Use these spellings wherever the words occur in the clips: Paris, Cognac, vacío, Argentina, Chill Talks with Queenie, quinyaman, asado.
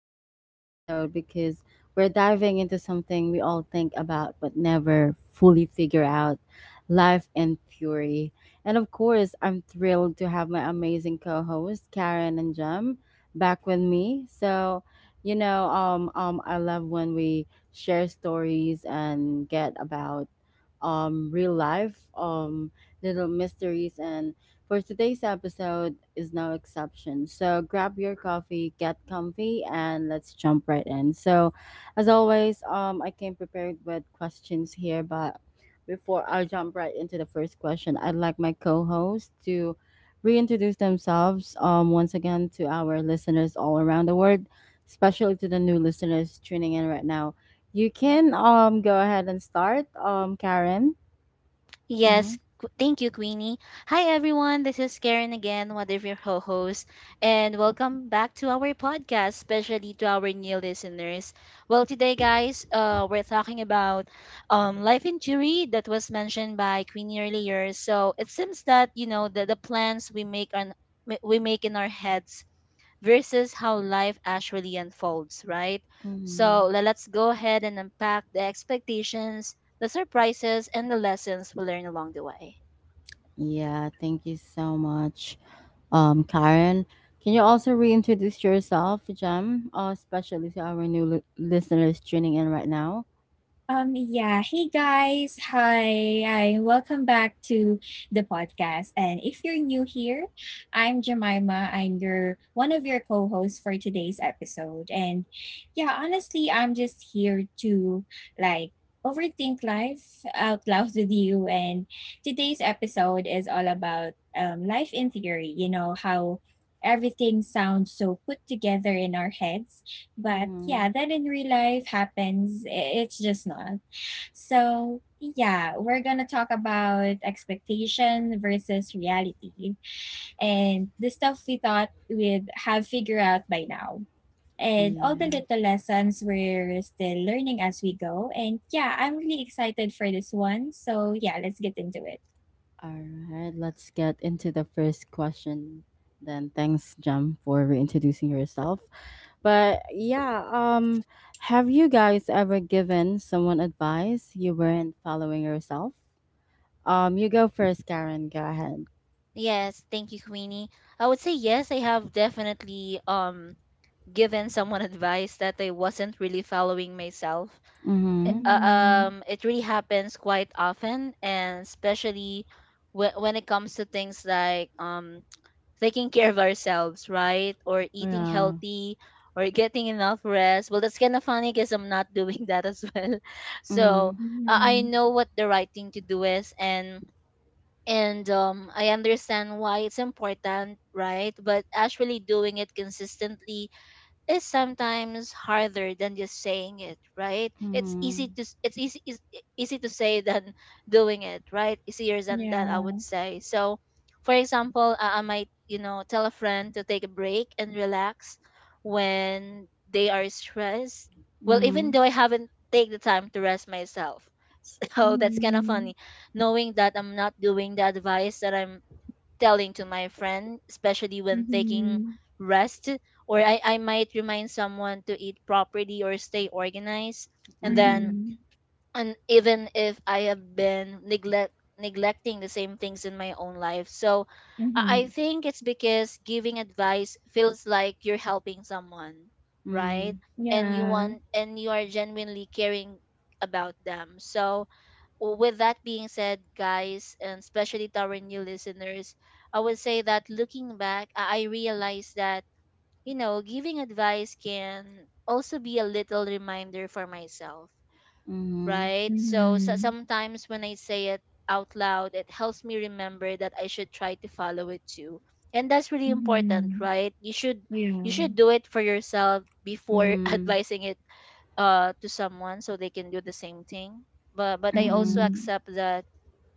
for today's episode because we're diving into something we all think about but never fully figure out life and fury. And of course, I'm thrilled to have my amazing co hosts, Karen and Jem, back with me. I love when we share stories and get about real life, little mysteries and for today's episode is no exception. So grab your coffee, get comfy, and let's jump right in. As always, I came prepared with questions here, but before I jump right into the first question, I'd like my co-host to reintroduce themselves once again to our listeners all around the world, especially to the new listeners tuning in right now. You can go ahead and start, Karen. Thank you, Queenie. Hi, everyone. This is Karen again, one of your co hosts, and welcome back to our podcast, especially to our new listeners. Well, today, guys, we're talking about life injury that was mentioned by Queenie earlier. So it seems that, you know, the plans we make on we make in our heads versus how life actually unfolds, right? So Mm-hmm. Let's go ahead and unpack the expectations, the surprises, and the lessons we learn along the way. Yeah, thank you so much, Karen. Can you also reintroduce yourself, Jem, especially to our new listeners tuning in right now? Yeah. Hey guys. Hi. Welcome back to the podcast. And if you're new here, I'm Jemima. I'm your one of your co-hosts for today's episode. And yeah, honestly, I'm just here to like overthink life out loud with you. And today's episode is all about life in theory, you know, how everything sounds so put together in our heads but Mm-hmm. yeah, that in real life happens. It's just not. So yeah, we're gonna talk about expectation versus reality and the stuff we thought we'd have figured out by now. And all the Yeah. little lessons we're still learning as we go. And yeah, I'm really excited for this one. So yeah, let's get into it. All right. Let's get into the first question. Then thanks, Jem, for reintroducing yourself. But yeah, have you guys ever given someone advice you weren't following yourself? You go first, Karen. Go ahead. Yes, thank you, Queenie. I would say yes, I have definitely given someone advice that I wasn't really following myself. Mm-hmm. I- uh, Mm-hmm. It really happens quite often, and especially when it comes to things like taking care of ourselves, right? Or eating Yeah. healthy or getting enough rest. Well, that's kind of funny because I'm not doing that as well. So Mm-hmm. I Mm-hmm. know what the right thing to do is, and I understand why it's important, right? But actually doing it consistently is sometimes harder than just saying it, right? It's easy Mhm. to s- it's easy is e- easy to say than doing it, right? Easier than that, I Yeah. would say. So for example, I might, you know, tell a friend to take a break and relax when they are stressed, well, even Mhm. though I haven't take the time to rest myself. So that's kind of Mm-hmm. funny, knowing that I'm not doing the advice that I'm telling to my friend, especially when taking Mm-hmm. rest, or I might remind someone to eat properly or stay organized. And then, Mhm. Mm-hmm. and even if I have been neglecting the same things in my own life. So I Mm-hmm. think it's because giving advice feels like you're helping someone, right? Mhm. And you Yeah. want, and you are genuinely caring about them. So well, with that being said, guys, and especially to our new listeners, I would say that looking back, I realized that, you know, giving advice can also be a little reminder for myself, Mhm. right? So, so Mhm. sometimes when I say it out loud, it helps me remember that I should try to follow it too. And that's really important, Mhm. right? You Yeah. should do it for yourself before Mhm. advising it to someone so they can do the same thing. But I also Mhm. Mhm. accept that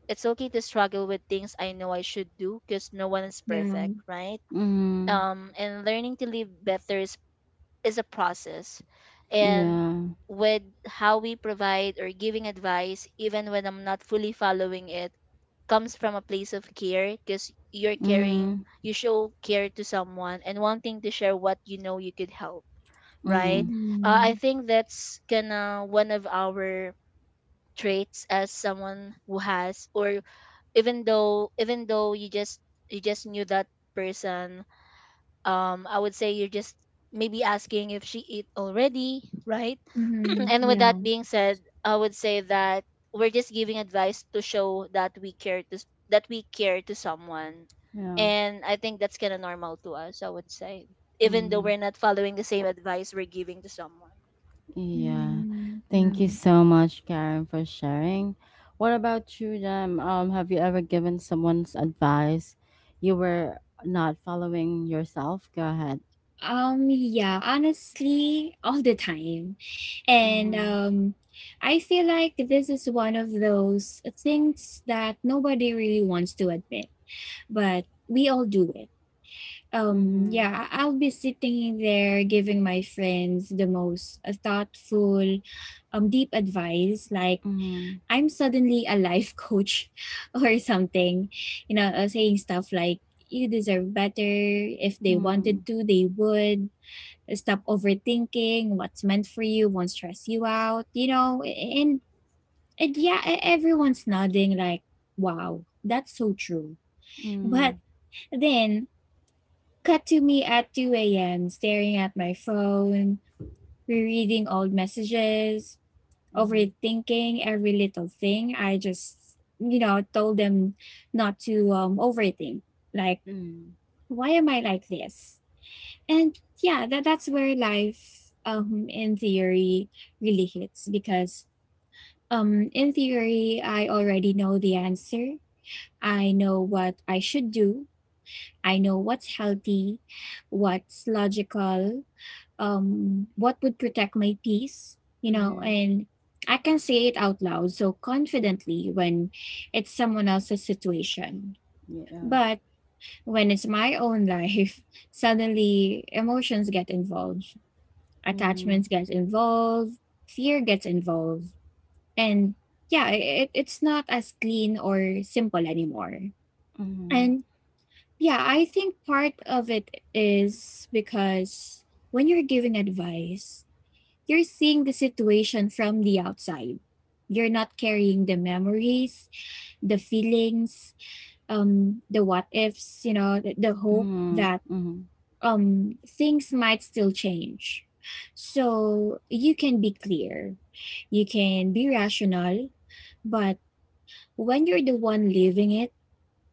it's okay to struggle with things I know I should do because no one is Yeah. perfect, right? Mhm. And learning to live better is a process. And Yeah. with how we provide or giving advice, even when I'm not fully following it, comes from a place of care because you're caring, Mhm. you show care to someone and wanting to share what you know you could help, right? Mhm. I Mhm. think that's kind of one of our traits as someone who has, or even though you just knew that person. Um, I would say you're just maybe asking if she eat already, right? Mhm. And with Yeah. that being said, I would say that we're just giving advice to show that we care to that we care to someone. Yeah. And I think that's kind of normal to us, I would say, even though Mhm. we're not following the same advice we're giving to someone. Yeah. Mhm. Thank you Yeah. so much, Karen, for sharing. What about you, Jam? Have you ever given someone's advice you were not following yourself? Go ahead. Yeah, honestly, all the time. And Mhm. I feel like this is one of those things that nobody really wants to admit, but we all do it. Mhm. I'll be sitting there giving my friends the most thoughtful, deep advice like Mhm. I'm suddenly a life coach or something, you know, saying stuff like, you deserve better. If they Mhm. wanted to, they would. Stop overthinking what's meant for you won't stress you out, you know. And yeah, everyone's nodding, like, wow, that's so true. But Mhm. then, cut to me at 2 a.m., staring at my phone, rereading old messages, Mhm. overthinking every little thing. I told them not to overthink. Like, Mhm. why am I like this? And yeah, that's where life in theory really hits because in theory, I already know the answer. I know what I should do. I know what's healthy, what's logical, what would protect my peace, you know. Mhm. And I can say it out loud so confidently when it's someone else's situation, Yeah. but when it's my own life suddenly emotions get involved, Mm-hmm. attachments get involved, fear gets involved. And yeah, it's not as clean or simple anymore. Mhm. And yeah, I think part of it is because when you're giving advice, you're seeing the situation from the outside. You're not carrying the memories, the feelings, the what ifs, you know, the hope Mhm. that Mhm. Things might still change. So you can be clear, you can be rational, but when you're the one living it,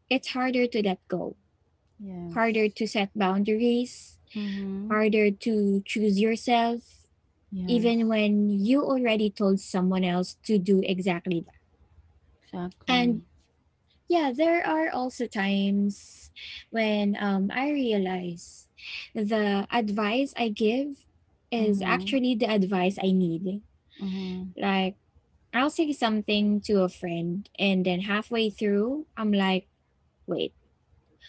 it's harder to let go, harder Yes. to set boundaries, Mhm. harder to choose yourself, even Yes. when you already told someone else to do exactly that. And Exactly. yeah, there are also times when I realize the advice I give is Mhm. actually the advice I need. Mhm. Like, I'll say something to a friend, and then halfway through, I'm like, wait,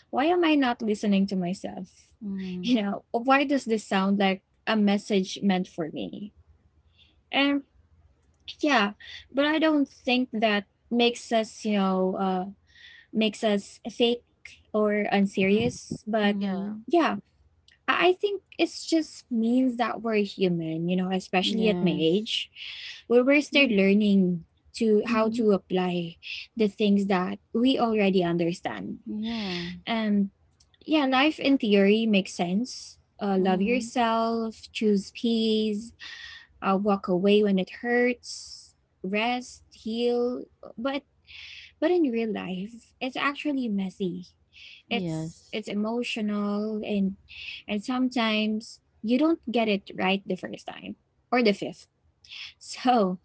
why am I not listening to myself? Mhm. You know, why does this sound like a message meant for me? And yeah, but I don't think that makes us, you know, makes us fake or mm, unserious. But yeah. Mhm. yeah, I think it's just means that we're human, you know, especially at my Yes. age, where we're still Yeah. learning to how Mhm. to apply the things that we already understand. Yeah. And yeah, life in theory makes sense. Love Mhm. yourself, choose peace, walk away when it hurts, rest, heal. But but in real life, it's actually messy. It's Yes. it's emotional and sometimes you don't get it right the first time or the fifth. So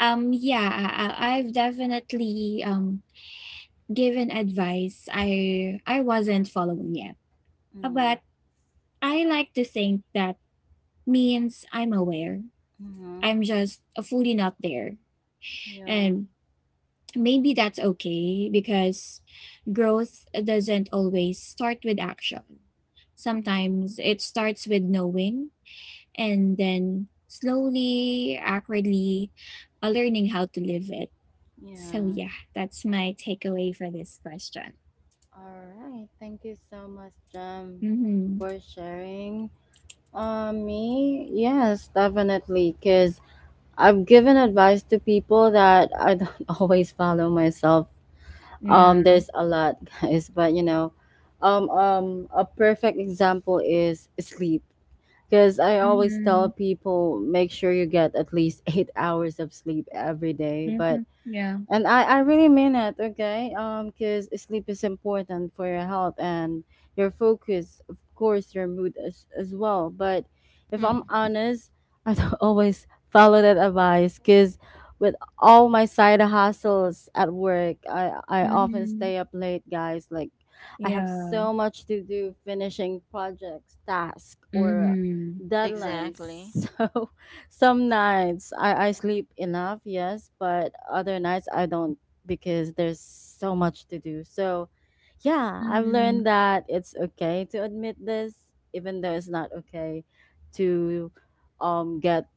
yeah, have definitely given advice I wasn't following yet. But Mhm. I like to think that means I'm aware. Mhm. I'm just fully not there. Yeah. And maybe that's okay because growth doesn't always start with action. Mhm. Sometimes it starts with knowing and then slowly, awkwardly, learning how to live it. Yeah. So, yeah, that's my takeaway for this question. All right. Thank you so much, Jem, Mm-hmm. for sharing. Me? Yes, definitely. Cause I've given advice to people that I don't always follow myself. Yeah. There's a lot, guys, but a perfect example is sleep. Because I always tell Mm-hmm. people, make sure you get at least 8 hours of sleep every day. Mm-hmm. But Yeah. And I really mean it, okay? Because sleep is important for your health and your focus, of course, your mood as well. But if mm, I'm honest, I don't always follow that advice because with all my side hustles at work, I often Mm-hmm. stay up late, guys. Like, I have Yeah. so much to do finishing projects, tasks, or Mm-hmm. deadlines. exactly. So some nights I sleep enough, yes, but other nights I don't because there's so much to do. So, yeah, I've Mm-hmm. learned that it's okay to admit this, even though it's not okay to get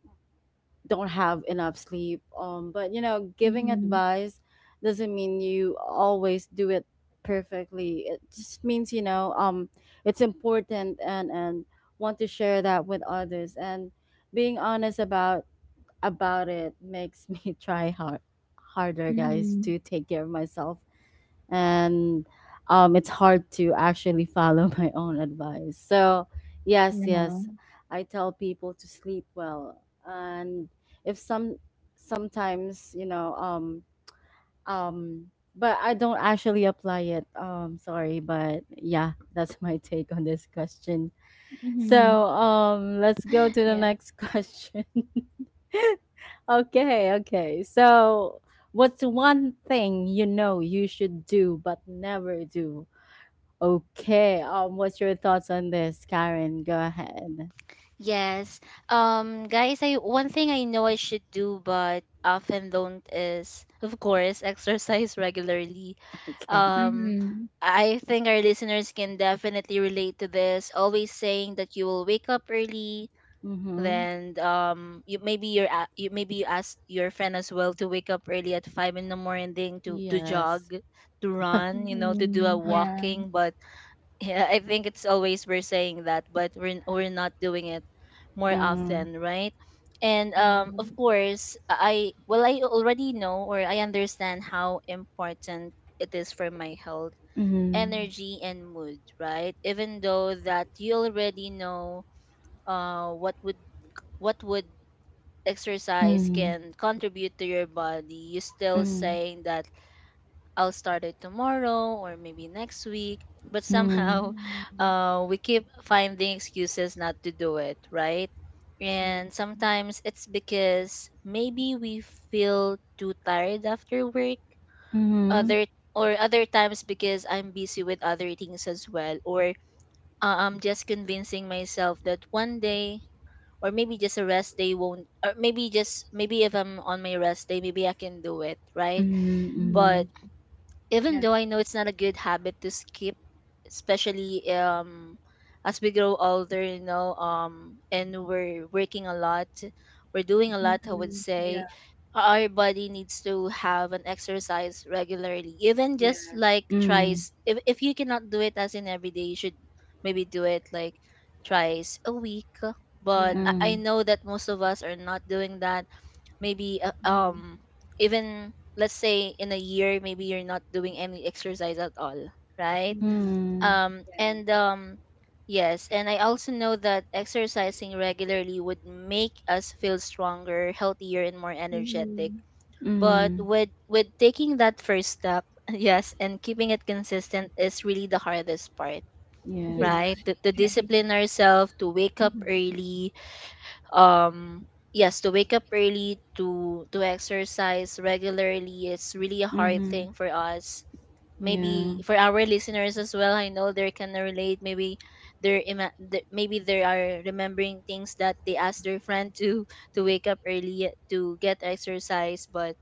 don't have enough sleep. But you know, giving Mm-hmm. advice doesn't mean you always do it perfectly. It just means you know it's important and want to share that with others and being honest about it makes me try hard harder guys Mm-hmm. to take care of myself and it's hard to actually follow my own advice. So yes, Yeah. yes, I tell people to sleep well. And if some sometimes, but I don't actually apply it. Sorry. But yeah, that's my take on this question. Mm-hmm. So let's go to the Yeah. next question. Okay, okay. So, what's one thing you know you should do but never do? Okay. What's your thoughts on this, Karen? Go ahead. Yes. Guys, I one thing I know I should do but often don't is of course exercise regularly. Okay. Um, Mm-hmm. I think our listeners can definitely relate to this. Always saying that you will wake up early, Mm-hmm. then you maybe you maybe you ask your friend as well to wake up early at 5 in the morning to Yes. jog, to run, you know, to do Mhm. a Yeah, walking. But yeah, I think it's always we're saying that, but we're not doing it more Mm-hmm. often, right? And um, yeah. of course, I well, I already know, or I understand how important it is for my health, Mm-hmm. energy and mood, right? Even though that you already know uh what would what would exercise Mm-hmm. can contribute to your body, you still saying that I'll start it tomorrow or maybe next week. But Mm-hmm. somehow, Mhm. We keep finding excuses not to do it, right? Yeah. And sometimes it's because maybe we feel too tired after work, Mm-hmm. Mm-hmm. Mm-hmm. other or other times because I'm busy with other things as well, or I'm just convincing myself that one day or maybe just a rest day won't, or maybe just maybe if I'm on my rest day maybe I can do it, right? Mhm. But even Yeah. though I know it's not a good habit to skip, especially as we grow older, you know, um, and we're working a lot, we're doing a lot, I would Mhm. say Yeah. our body needs to have an exercise regularly. Even Yeah. just like tries, if you cannot do it as in every day, you should maybe do it like twice a week. But Yeah. Mm-hmm. I Mm-hmm. know that most of us are not doing that, maybe Mhm. Even, let's say, in a year maybe you're not doing any exercise at all, right? Um, and um, yes, and I also know that exercising regularly would make us feel stronger, healthier and more Yeah. Yeah. energetic. Mhm. But Mm-hmm. With taking that first step, yes, and keeping it consistent is really the hardest part, Yeah. right? Yes. To Okay. discipline ourselves to wake up Mhm. early, um, yes, to wake up early to exercise regularly, it's really a hard Mm-hmm. thing for us, Yeah. maybe for our listeners as well. I know they can relate, maybe maybe they are remembering things that they asked their friend to to wake up early, eh, to get exercise, but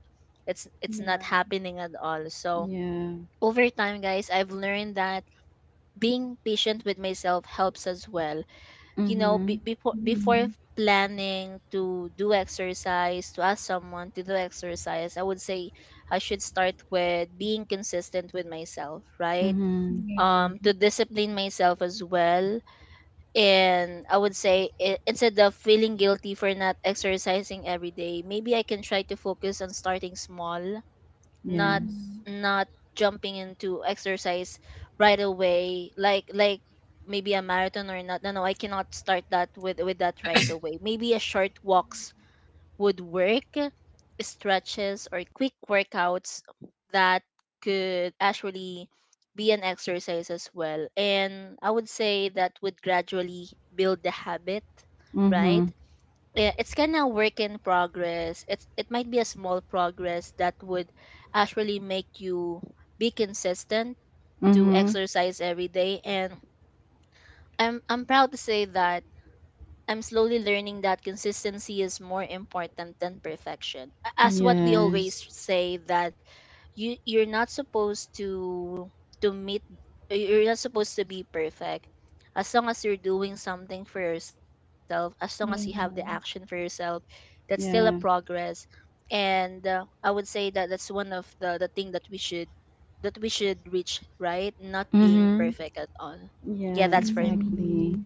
it's not Yeah. happening at all. So Yeah. over time, guys, I've learned that being patient with myself helps as well, you know, Mm-hmm. be, before before Mhm. planning to do exercise, to ask someone to do exercise, I would say I should start with being consistent with myself, right? Mm-hmm. Yeah. Um, to discipline myself as well. And I would say, instead of feeling guilty for not exercising every day, maybe I can try to focus on starting small, not Yes. Mhm. not jumping into exercise right away, like maybe a marathon, or not, no, no, I cannot start that with that right away. Maybe a short walks would work, stretches or quick workouts that could actually be an exercise as well. And I would say that would gradually build the habit, Mm-hmm. right? Yeah, it's kind of work in progress. It's it might be a small progress that would actually make you be consistent to Mm-hmm. exercise every day. And I'm proud to say that I'm slowly learning that consistency is more important than perfection. As what we always Yes. say that you're not supposed to meet you're not supposed to be perfect. As long as you're doing something for yourself, as long as you have the Yeah. action for yourself, that's still a Yeah. progress. And I would say that that's one of the thing that we should reach, right? Not being Mm-hmm. perfect at all. Yeah, Yeah, that's for me. exactly. Mhm.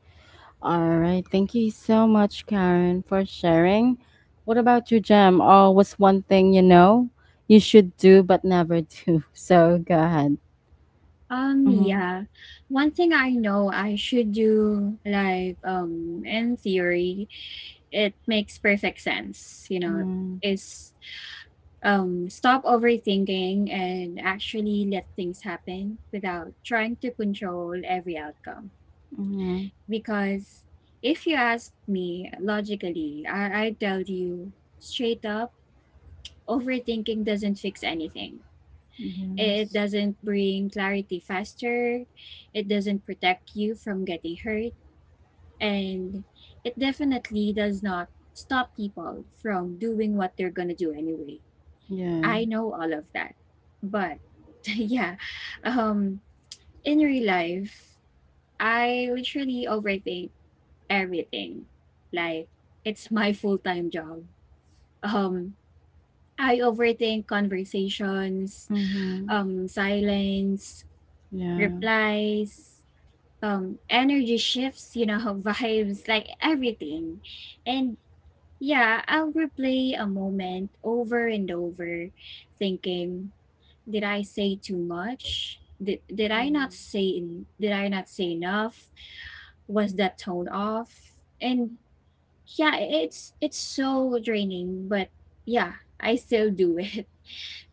All right. Thank you so much, Karen, for sharing. What about you, Jem? Oh, what's one thing you know you should do but never do? So go ahead. Um, Mm-hmm. yeah. One thing I know I should do, like, in theory, it makes perfect sense, you know, Mm-hmm. is stop overthinking and actually let things happen without trying to control every outcome. Mm-hmm. Because if you ask me logically, I tell you straight up overthinking doesn't fix anything. It Yes. doesn't bring clarity faster, it doesn't protect you from getting hurt, and it definitely does not stop people from doing what they're gonna do anyway. Yeah. I know all of that. But yeah, um, in real life, I literally overthink everything. Like it's my full-time job. Um, I overthink conversations, Mm-hmm. Silence, Yeah. replies, energy shifts, you know, vibes, like everything. And yeah, I'll replay a moment over and over, thinking, did I say too much? Did I Mm-hmm. not say enough? Was that tone off? And yeah, it's so draining, but yeah, I still do it.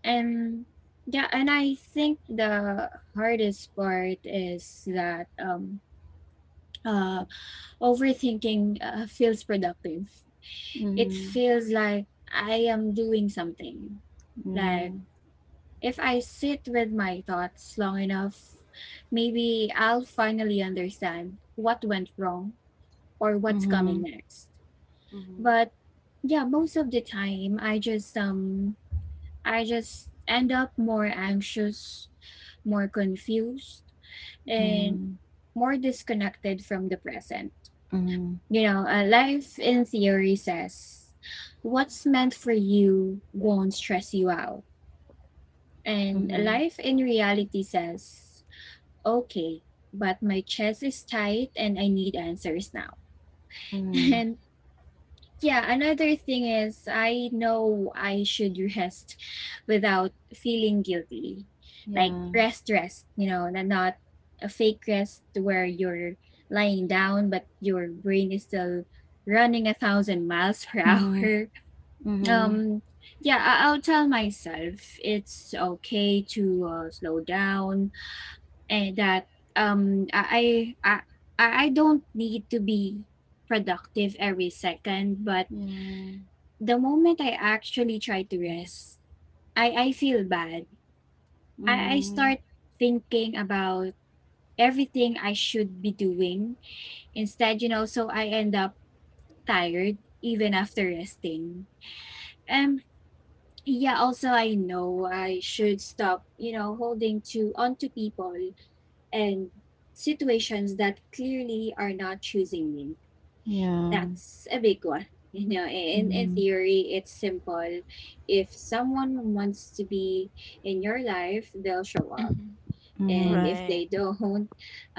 And yeah, and I think the hardest part is that uh overthinking feels productive. It Mm-hmm. feels like I am doing something. Like Yeah. if I sit with my thoughts long enough, maybe I'll finally understand what went wrong or what's Mm-hmm. coming Mm-hmm. next. Mm-hmm. But yeah, most of the time I just end up more anxious, more confused, and more disconnected from the present. Mm-hmm. You know, life in theory says what's meant for you won't stress you out. And Mm-hmm. life in reality says okay, but my chest is tight and I need answers now. Mm, And yeah, another thing is I know I should rest without feeling guilty. Like yeah. rest, rest, you know, and not a fake rest where you're lying down but your brain is still running a thousand miles per Mhm. hour. Mhm. Um, yeah, I'll tell myself it's okay to slow down and that um I I I don't need to be productive every second, but Yeah. the moment I actually try to rest, I feel bad. I Mhm. start thinking about everything I should be doing instead, you know, so I end up tired even after resting. Um yeah, also I know I should stop, you know, holding to onto people and situations that clearly are not choosing me. Yeah. That's a big one. You know, in Mhm. theory, it's simple. If someone wants to be in your life, they'll show up. Mhm. And Mhm. if Right. they don't,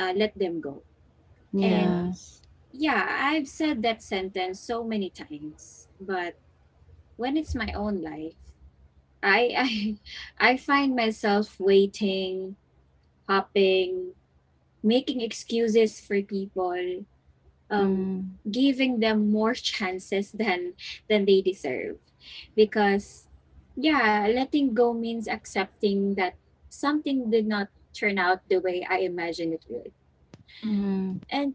let them go. And Yeah. Yes. yeah, I've said that sentence so many times, but when it's my own life, I I find myself waiting, hopping, making excuses for people, um, Mhm. giving them more chances than they deserve, because yeah, letting go means accepting that something did not turn out the way I imagined it would. Mhm. Mhm. And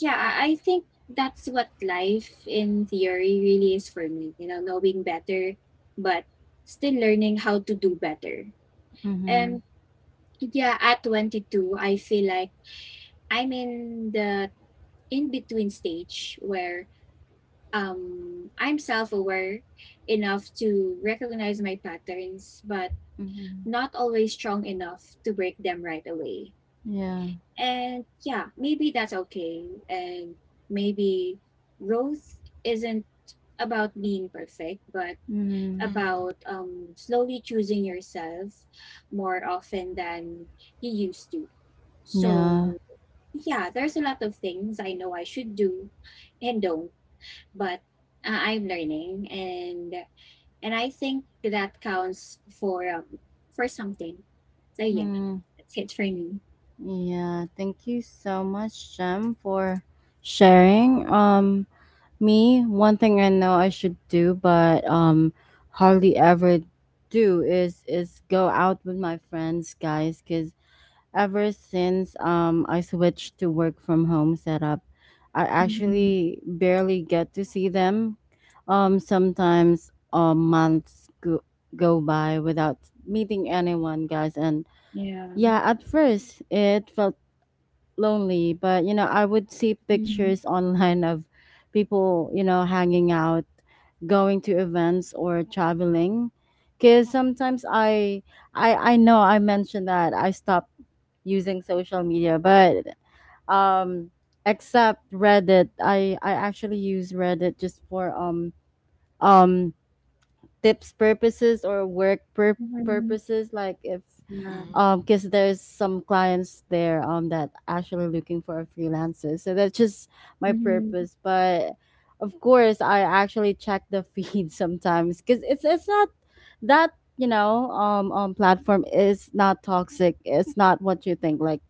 yeah, I think that's what life in theory really is for me, you know, knowing better but still learning how to do better. And Mhm. yeah, at 22, I feel like I'm in the in between stage where I'm self aware enough to recognize my patterns, but Mhm. not always strong enough to break them right away. Yeah. And yeah, maybe that's okay. And maybe growth isn't about being perfect, but Mhm. Mhm. about slowly choosing yourself more often than you used to. So, Yeah. yeah, there's a lot of things I know I should do and don't, but I'm learning. And I think that counts for something. So yeah, Mhm. that's it for me. Yeah. Thank you so much, Jem, for sharing. Me, one thing I know I should do, but hardly ever do is go out with my friends, guys, because ever since I switched to work from home setup, I Mhm. actually barely get to see them. Sometimes go by without meeting anyone, guys. And Yeah. yeah, at first it felt lonely, but you know, I would see Mhm. pictures online of people, you know, hanging out, going to events or traveling. Cause sometimes I know I mentioned that I stopped using social media, but um except Reddit, I actually use Reddit just for um tips purposes or Mhm. purposes. Like if Yeah. Mhm. Because there's some clients there that actually looking for freelancers, so that's just my Mhm. purpose. But of course I actually check the feed sometimes, because it's not that platform is not toxic. It's not what you think, like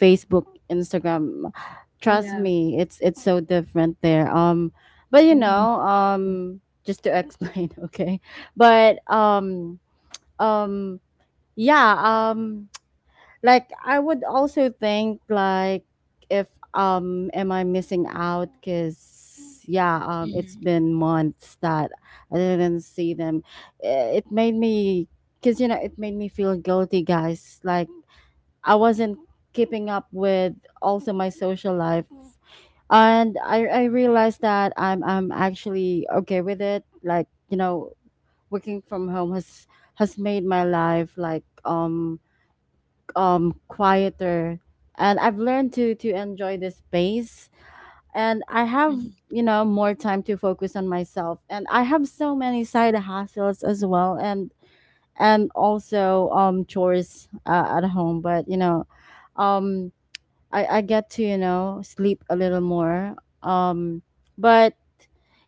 Facebook, Instagram. Trust Yeah. me, it's so different there. Just to explain, okay. But um, um, yeah, um, like I would also think, like if am I missing out? Cause yeah, it's Mhm. been months that I didn't see them. Eh, It made me, Cause you know, it made me feel guilty, guys. Like I wasn't keeping up with also my social life. And I realized that I'm actually okay with it. Like, you know, working from home has made my life like quieter, and I've learned to enjoy this space. And I have, you know, more time to focus on myself, and I have so many side hustles as well, and also chores at home. But you know, um I get to, you know, sleep a little more. Um, but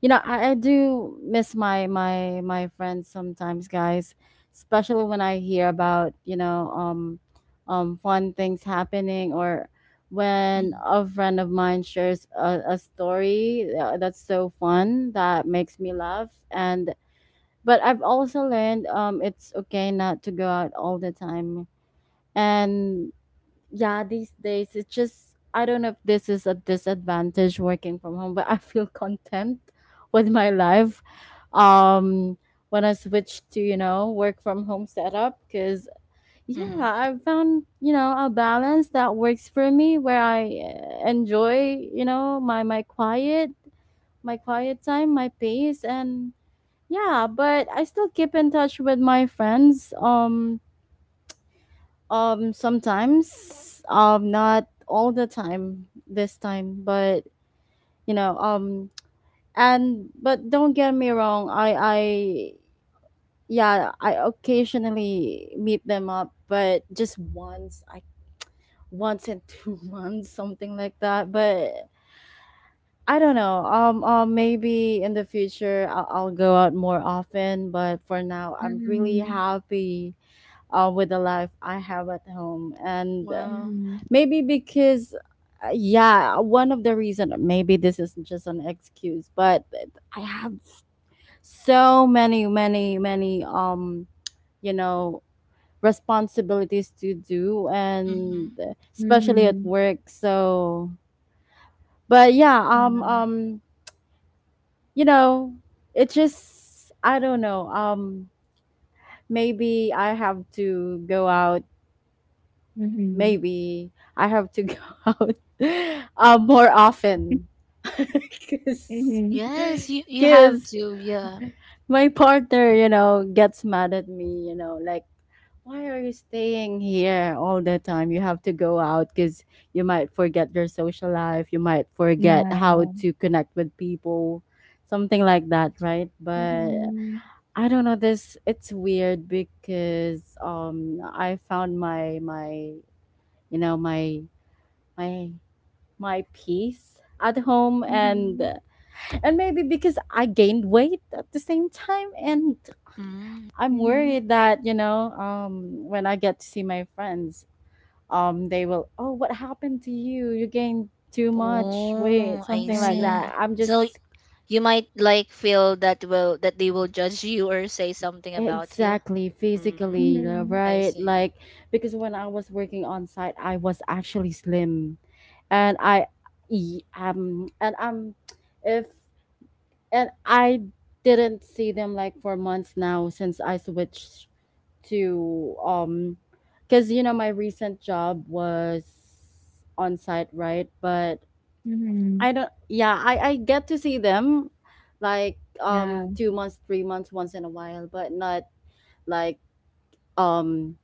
you know, I do miss my friends sometimes, guys. Especially when I hear about, you know, fun things happening, or when Mhm. a friend of mine shares a story that's so fun that makes me laugh. And but I've also learned it's okay not to go out all the time. And yeah, these days, it's just, I don't know if this is a disadvantage working from home, but I feel content with my life um when I switched to, you know, work from home setup. Because yeah, Mhm. I found, you know, a balance that works for me, where I enjoy, you know, my quiet time, my pace. And yeah, but I still keep in touch with my friends, sometimes, not all the time this time. You know, um, and but don't get me wrong, yeah, I occasionally meet them up, but just once, I once in 2 months, something like that. But I don't know. Maybe in the future I'll go out more often, but for now, I'm really happy with the life I have at home. And Well. Wow. Mhm. maybe because, yeah, one of the reason, maybe this is just an excuse, but I have so many, many, many, you know, responsibilities to do, and Mhm. especially at Mhm. work. So, but yeah, you know, it just, I don't know, maybe I have to go out. Mhm. Maybe I have to go out more often because Mhm. Yes, you have to. Yeah. my partner, you know, gets mad at me, you know, like, why are you staying here all the time? You have to go out, because you might forget your social life, you might forget Yeah. how to connect with people, something like that, right? But Mhm. I don't know, this it's weird, because I found my my you know, my my peace at home. Mhm. Yeah. Mhm. and Mhm. and maybe because I gained weight at the same time, and Mm. I'm Mhm. worried that, you know, when I get to see my friends, they will, oh, what happened to you, you gained too much weight, Oh, I something like Uh-huh. that. see. I'm So just you might like feel that will that they will judge you or say something about you. exactly Mm. physically, Mhm. I right, see. like, because when I was working on site, I was actually slim. And I And I'm, if and I didn't see them like for months now, since I switched to because, you know, my recent job was on site, right? But Mhm. I don't, yeah, I get to see them, like, Yeah. 2 months, 3 months, once in a while, but not like, um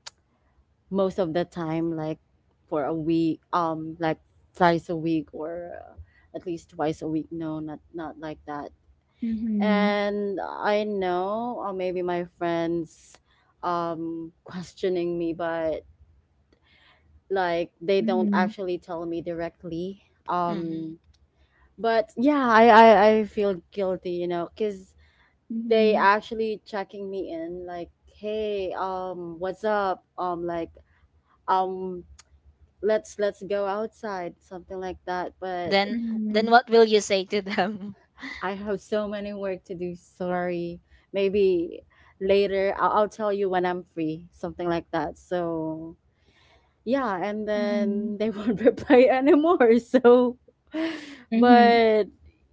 most of the time, like for a week, like twice a week, or at least twice a week. No, not not like that. Mhm. And I know, or maybe my friends questioning me, but like they don't Mhm. actually tell me directly. Mhm. But yeah, I feel guilty, you know, because they Mhm. actually checking me in, like, hey, what's up, like, um let's go outside, something like that. But Then then Mhm. what will you say to them? I have so many work to do. Sorry. Maybe later I'll tell you when I'm free, something like that. So, yeah, and then Mhm. they won't reply anymore. So, Mhm. but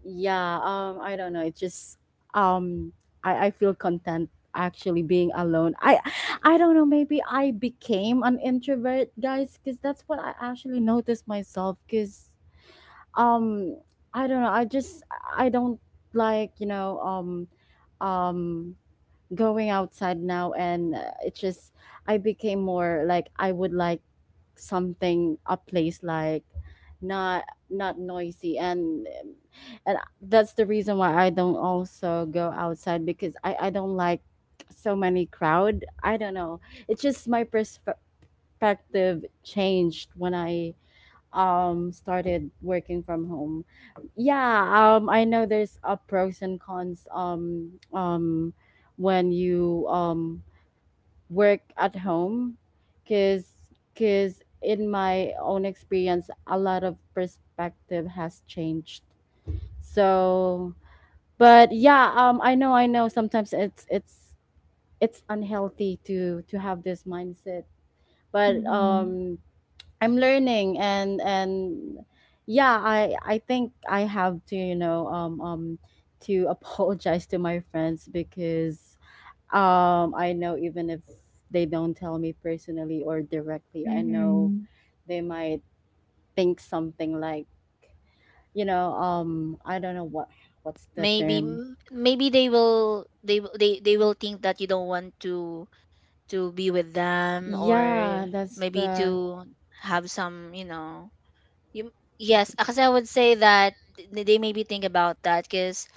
yeah, I don't know. It just um I feel content actually being alone. I don't know, maybe I became an introvert, guys, cuz that's what I actually noticed myself cuz um, I don't know. I just I don't like um going outside now, and it's just I became more like I would like something a place like not noisy and and that's the reason why I don't also go outside because I don't like so many crowd. I don't know. It's just my perspective changed when I started working from home. Yeah, I know there's a pros and cons when you work at home, because in my own experience a lot of perspective has changed. So but yeah, I know sometimes it's it's unhealthy to have this mindset, but Mhm. I'm learning. And yeah, I think I have to, you know, to apologize to my friends because I know even if they don't tell me personally or directly, I know Mhm. they might think something like, you know, I don't know what what's the Maybe term. Maybe they will they will think that you don't want to be with them, or Yeah, that's maybe the to have some, you know, you, yes, because I would say that they maybe think about that because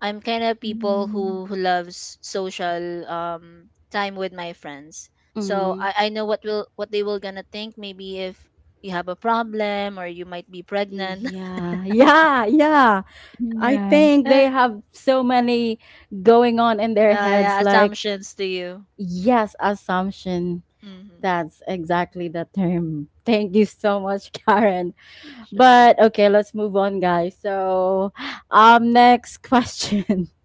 I'm kind of people Mhm. Who loves social time with my friends. So mm, I know what will what they will gonna think, maybe if you have a problem or you might be pregnant. yeah, yeah, yeah. Mhm, I yeah. think Yeah, they have so many going on in their heads. yeah, Like, assumptions to you. yes, assumption. Mm-hmm. That's exactly the term. Thank you so much, Karen. Sure. But okay, let's move on, guys. So, next question.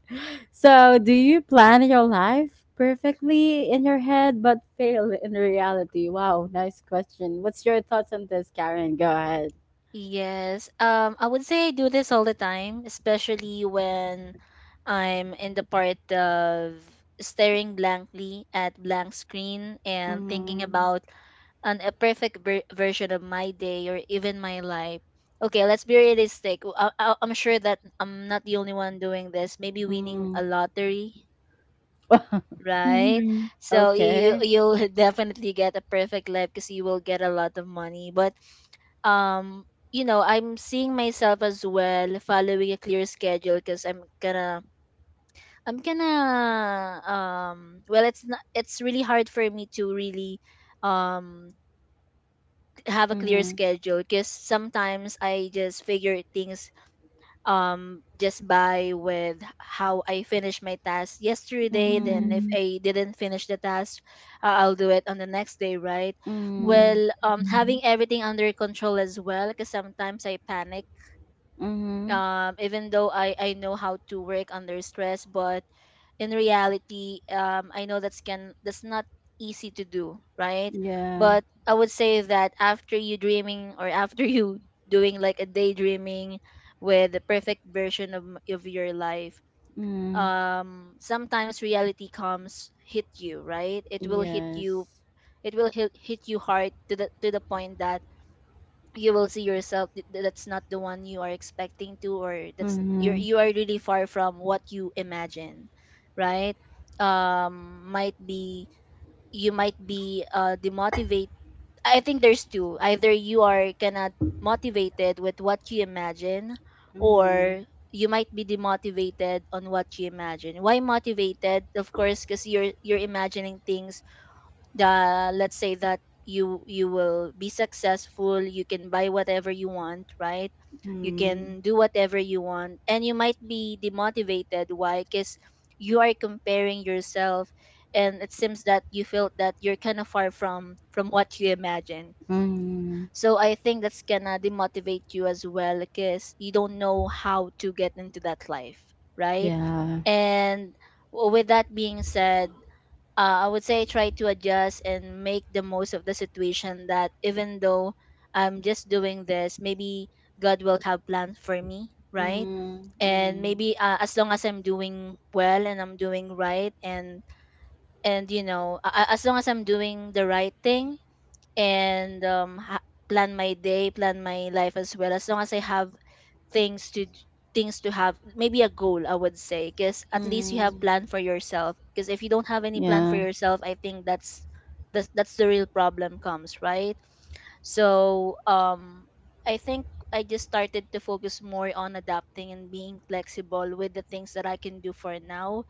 So, do you plan your life perfectly in your head but fail in reality? Wow, nice question. What's your thoughts on this, Karen? Go ahead. Yes. I would say I do this all the time, especially when I'm in the part of staring blankly at blank screen and thinking Mm, about an a perfect version of my day or even my life. Okay, let's be realistic. I'm sure that I'm not the only one doing this. Maybe winning mm. a lottery, right? Mhm. So you Okay. you'll definitely get a perfect life because you will get a lot of money. But um I'm seeing myself as well following a clear schedule, because I'm gonna, i'm gonna um well, it's not it's really hard for me to really um have a clear Mm-hmm. schedule, because sometimes I just figure things just by with how I finish my task yesterday. Then Mm-hmm. if Mhm. I didn't finish the task, I'll do it on the next day, right? Mm. Well, Mhm. having everything under control as well, because sometimes I panic. Mhm. Even though I know how to work under stress, but in reality, I know that's can that's not easy to do, right? Yeah. But I would say that after you dreaming, or after you doing like a daydreaming with the perfect version of your life, Mm. Sometimes reality comes hit you, right? It will hit you. Yes. It will hit you hard, to the point that you will see yourself that's not the one you are expecting to, or Mhm. you are really far from what you imagine, right? Might be You might be demotivate. I think there's two, either you are kinda motivated with what you imagine, Mm. or you might be demotivated on what you imagine. Why motivated? Of course, because you're imagining things. Let's say that you will be successful, you can buy whatever you want, right? You Mm. can do whatever you want. And you might be demotivated. Why? Because you are comparing yourself, and it seems that you feel that you're kind of far from what you imagine. Mm. So I think that's gonna demotivate you as well, because you don't know how to get into that life, right? Yeah. And with that being said, I would say try to adjust and make the most of the situation, that even though I'm just doing this, maybe God will have plans for me, right? Mm. And Mm. maybe, as long as I'm doing well and I'm doing right, and as long as I'm doing the right thing, and plan my day, plan my life as well. As long as I have things to d- things to have maybe a goal, I would say, because at least you have Mm. plan for yourself. Because if you don't have any plan for Yeah. yourself, I think that's the real problem comes, right? So I think I just started to focus more on adapting and being flexible with the things that I can do for now.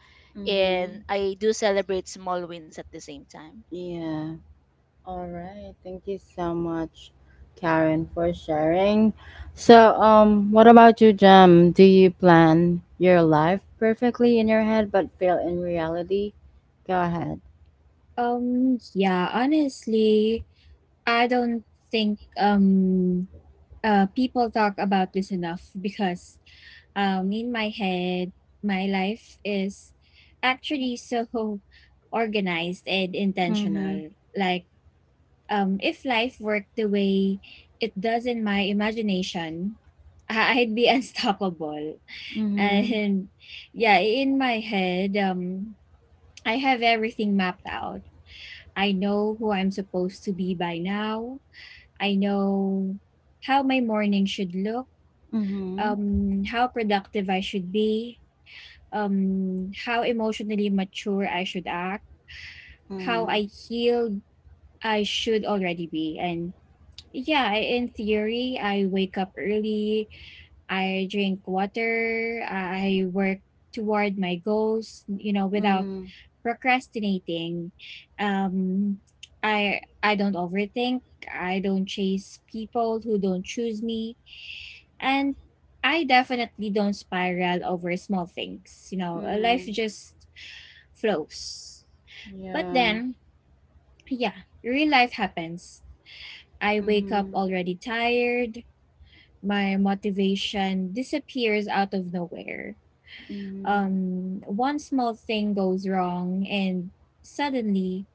And Mhm. I do celebrate small wins at the same time. Yeah. All right. Thank you so much, Karen, for sharing. So, what about you, Jem? Do you plan your life perfectly in your head but fail in reality? Go ahead. Yeah, honestly, I don't think people talk about this enough because in my head, my life is actually so organized and Mhm. intentional. Like if life worked the way it does in my imagination, I'd be unstoppable. Mhm. And yeah, in my head, I have everything mapped out. I know who I'm supposed to be by now. I know how my morning should look, Mhm. How productive I should be, how emotionally mature I should act, how Mhm. I healed I should already be, and yeah, in theory, I wake up early, I drink water, I work toward my goals, you know, without Mhm. procrastinating. Um, I don't overthink, I don't chase people who don't choose me, and I definitely don't spiral over small things. You know, life Mhm. just flows. But Yeah. then, yeah, real life happens. I wake up Mhm. already tired, my motivation disappears out of nowhere. Mhm. One small thing goes wrong, and suddenly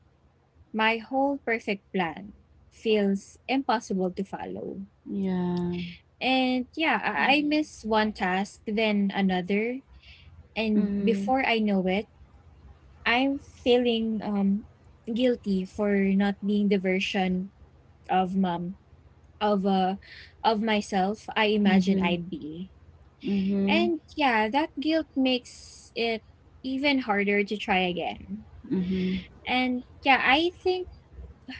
my whole perfect plan feels impossible to follow. Yeah. And yeah, I Hmm. miss one task, then another, and Mhm. before I know it, I'm feeling guilty for not being the version of mom of uh, of myself I imagine Mhm. I'd be. Mhm. And yeah, that guilt makes it even harder to try again. Mhm. And yeah, I think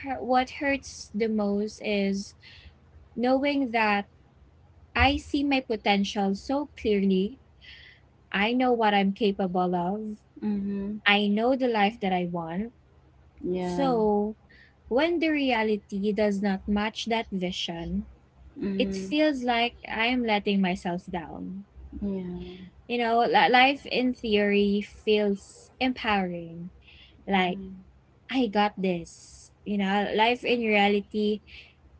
what hurts the most is knowing that I see my potential so clearly. I know what I'm capable of. Mhm. I know the life that I want. Yeah. So when the reality does not match that vision, it Mhm. feels like I am letting myself down. Yeah. Life in theory feels empowering like Mhm. I got this. You know, life in reality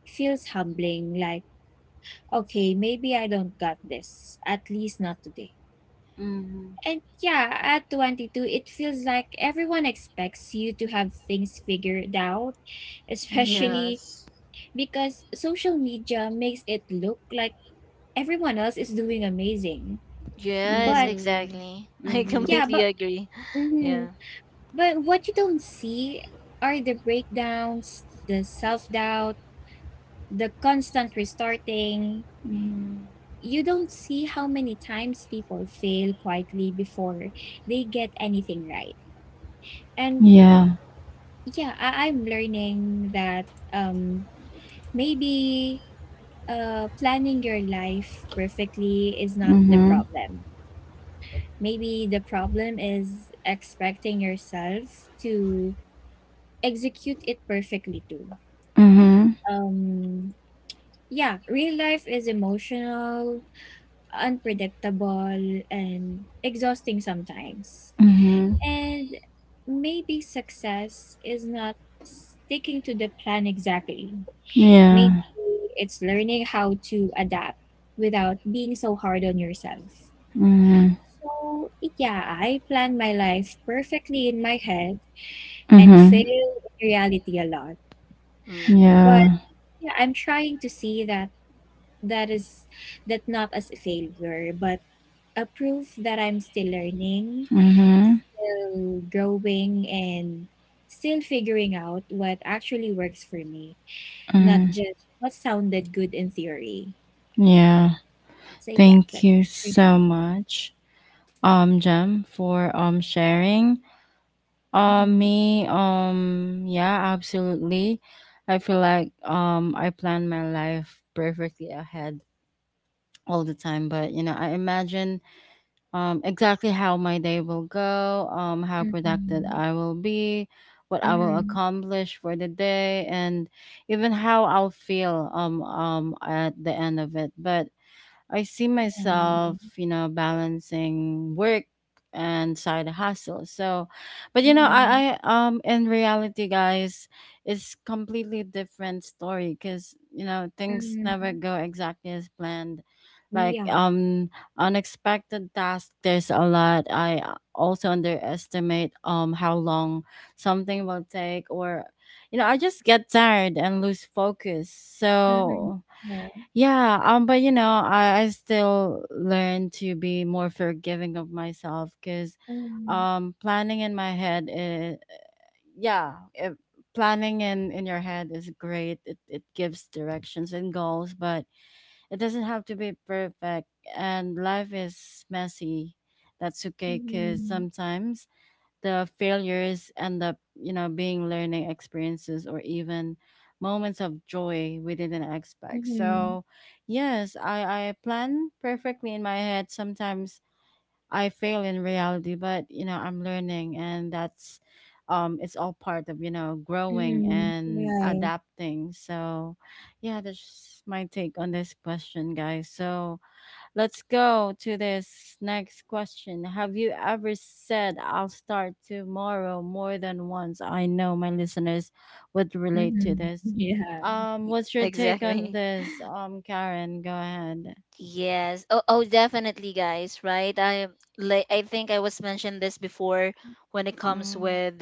feels humbling. Like, okay, maybe I don't got this, at least not today. Mhm. And yeah, at 22, it feels like everyone expects you to have things figured out, Mhm. especially Yes. because social media makes it look like everyone else is doing amazing. Yes, But Mhm. exactly. I Mhm. yeah, completely but agree. mhm. Yeah. but what you don't see are the breakdowns, the self doubt, the constant restarting, Mhm. you don't see how many times people fail quietly before they get anything right. And Yeah. yeah, I'm learning that um, maybe planning your life perfectly is not the Mhm. problem. Maybe the problem is expecting yourself to execute it perfectly too. Mhm. Um, yeah, real life is emotional, unpredictable, and exhausting sometimes. Mhm. And maybe success is not sticking to the plan exactly. Yeah. Maybe it's learning how to adapt without being so hard on yourself. Mhm. So, yeah, I plan my life perfectly in my head and fail Mhm. in reality a lot. Mm. But Yeah. yeah, I'm trying to see that that is that not as a failure but a proof that I'm still learning, Mhm. still growing, and still figuring out what actually works for me, not Mhm. just what sounded good in theory. Yeah. So yeah, Thank that's you so much, Jem, for sharing. Mm-hmm. me, yeah, absolutely. I feel like I plan my life perfectly ahead all the time, but you know, I imagine exactly how my day will go, how productive I will be, what I will Mm-hmm. accomplish for the day, and even how I'll feel at the end of it. But I see myself, you know, balancing work and side hustle. So, but you know, Mm-hmm. I in reality, guys, it's completely different story because you know things never go exactly as planned. Like Yeah. Unexpected tasks, there's a lot. I also underestimate how long something will take, or you know, I just get tired and lose focus. Mm-hmm. Mm-hmm. Yeah. So Mm-hmm. Yeah. yeah, but you know, I still learn to be more forgiving of myself because Mm-hmm. Planning in my head is, yeah, if planning in your head is great. It gives directions and goals, but it doesn't have to be perfect. And life is messy. That's okay because Mm-hmm. sometimes the failures end up, you know, being learning experiences or even moments of joy we didn't expect. Mm-hmm. So, yes, I plan perfectly in my head. Sometimes I fail in reality, but, you know, I'm learning and that's, it's all part of, you know, growing Mm-hmm. and Right. adapting. So, yeah, that's my take on this question, guys. So, let's go to this next question. Have you ever said, I'll start tomorrow more than once? I know my listeners would relate to Mm-hmm. this. Yeah. What's your take on Exactly. this? Karen, go ahead. Yes. Oh, definitely, guys. Right. I like. I think I was mentioned this before when it comes Mm, with,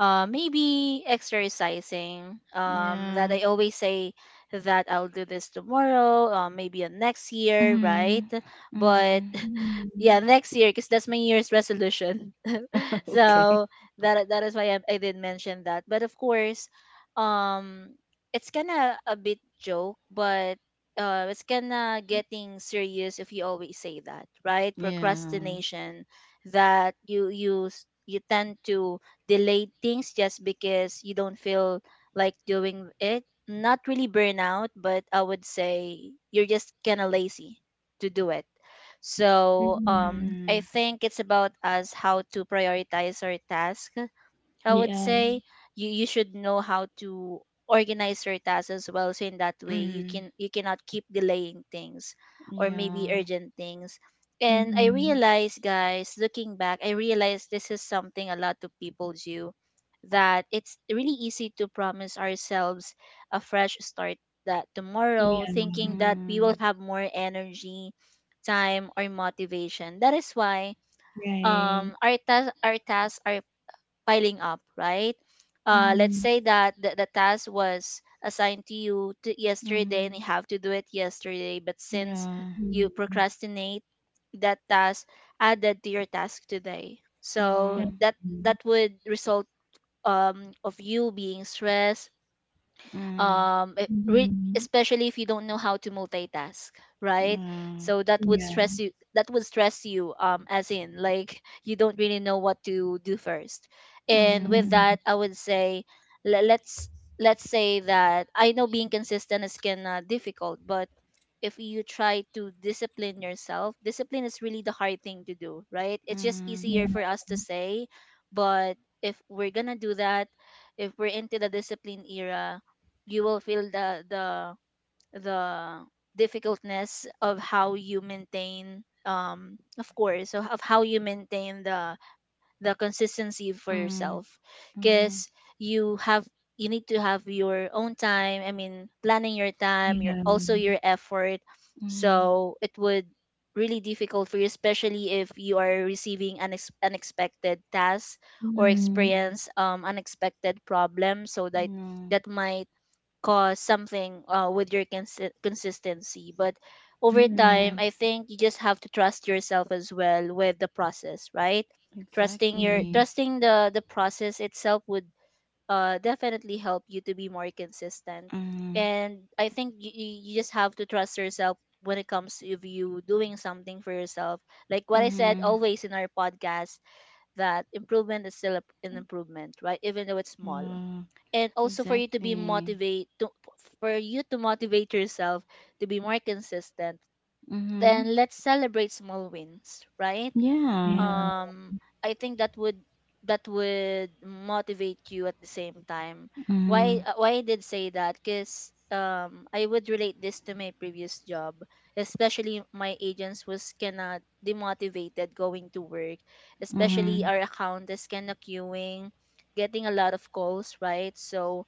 maybe exercising. That yeah. I always say that I'll do this tomorrow. Maybe next year, right? Hmm, But hmm. Ừm, yeah, next year, because that's my year's resolution. Okay. So that is why I did mention that. But of course, um it's kinda a bit joke, but it's kinda getting serious if you always say that, right? Yeah. Procrastination, that you tend to delay things just because you don't feel like doing it. Not really burnout, but I would say you're just kind of lazy to do it. So, ừm, I Mm, think it's about us how to prioritize our task. I would yeah, say you should know how to organize your tasks as well. So in that way mm, you cannot keep delaying things, or maybe yeah. urgent things. And I ừm, realized, guys, looking back, I realized this is something a lot of people do, that it's really easy to promise ourselves a fresh start, that tomorrow, yeah, thinking that we will Mm, have more energy, time or motivation. That is why right, our tasks are piling up, right? Let's ừm, say that the task was assigned to you to yesterday, and you mm, have to do it yesterday, but since yeah. you ừm, procrastinate, that task added to your task today. So ừm, Mm, that would result, of you being stressed. mm, um it re- ừm, Especially if you don't know how to multitask, right? yeah. So that would yeah, stress you, as in, like, you don't really know what to do first. And with ừm, Mm, that, I would say, le- let's let's say that I know being consistent is kind of difficult, but if you try to discipline yourself, discipline is really the hard thing to do, right? It's just mm. yeah, easier for us to say. But if we're gonna do that, if we're into the discipline era, you will feel the difficultness of how you maintain, of course, so of how you maintain the consistency for Mm, yourself, mhm, because you have you need to have your own time, I mean planning your time, your yeah, also your effort. mhm, So it would really difficult for you, especially if you are receiving an unexpected task, or ừm, mhm. experience unexpected problem, so that No, might cause something, with your consistency. But ừm, over ừm, time, yeah, I think you just have to trust yourself as well with the process, right? Exactly. Trusting the process itself would, definitely help you to be more consistent. Mm, And I think you just have to trust yourself when it comes to if you doing something for yourself. Like what I said mhm, always in our podcast, that improvement is still an improvement, right? Even though it's small, yeah, and also exactly. For you to motivate yourself to be more consistent, Mhm, then let's celebrate small wins, right? yeah. yeah, um I think that would motivate you at the same time. why Mhm, uh, why I did say that, because I would relate this to my previous job. Especially my agents was kinda demotivated going to work, especially mhm, our account is kinda queuing, getting a lot of calls, right? So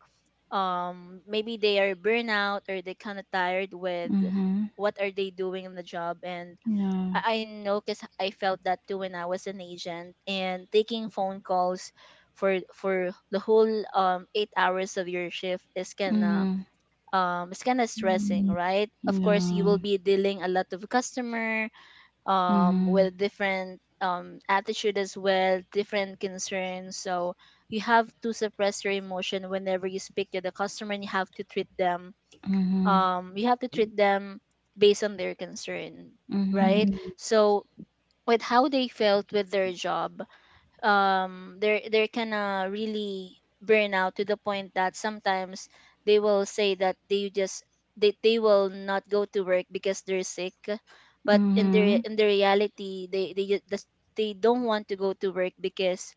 maybe they are burnout, or they kind of tired with mhm, what are they doing in the job. And yeah. I know, because I felt that too when I was an agent. And taking phone calls for the whole 8 hours of your shift is Mhm, kind of stressing, ừm, right? Of course, you yeah. will be dealing a lot of customer, Mhm, with different, attitude as well, different concerns. So you have to suppress your emotion whenever you speak to the customer, and you have to treat them. mhm, You have to treat them based on their concern, right? mhm, ừm, So with how they felt with their job, they're kinda really burn out, to the point that sometimes they will say that they will not go to work because they're sick, but in the mhm, in the reality, they ju- just they don't want to go to work because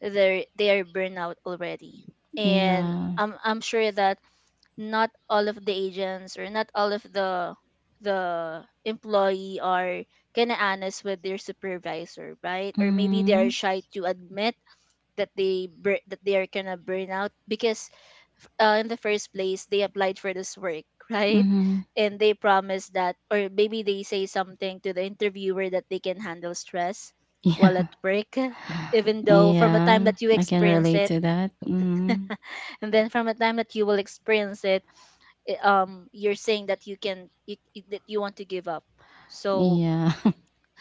they are burnout already. And yeah. I'm sure that not all of the agents, or not all of the employee, are kind of honest with their supervisor, right? Or maybe they are Mhm, shy to admit that they are kind of burn out, because, in the first place they applied for this work, right? mhm, And they promise that, or maybe they say something to the interviewer that they can handle stress while yeah. at work, even though from the time Yeah, that you I can experience relate it, to that. Mhm, and then from the time that you will experience it, you're saying that you can you, you- that you want to give up. So yeah.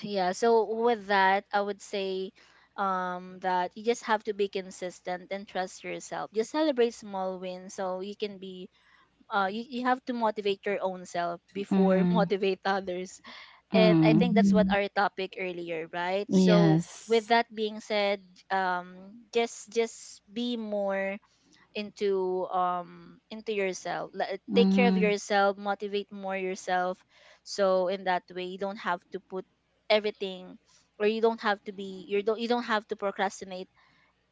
yeah, so with that, I would say, that you just have to be consistent and trust yourself, just celebrate small wins, so you can be, you have to motivate your own self before Mhm. motivate others. And I think Mm, that's what ừm, our topic earlier, right? So with yes. that being said, just be more into, into yourself. Take care of Mm, yourself, motivate more yourself, so in that way you don't have to put everything, or you don't have to procrastinate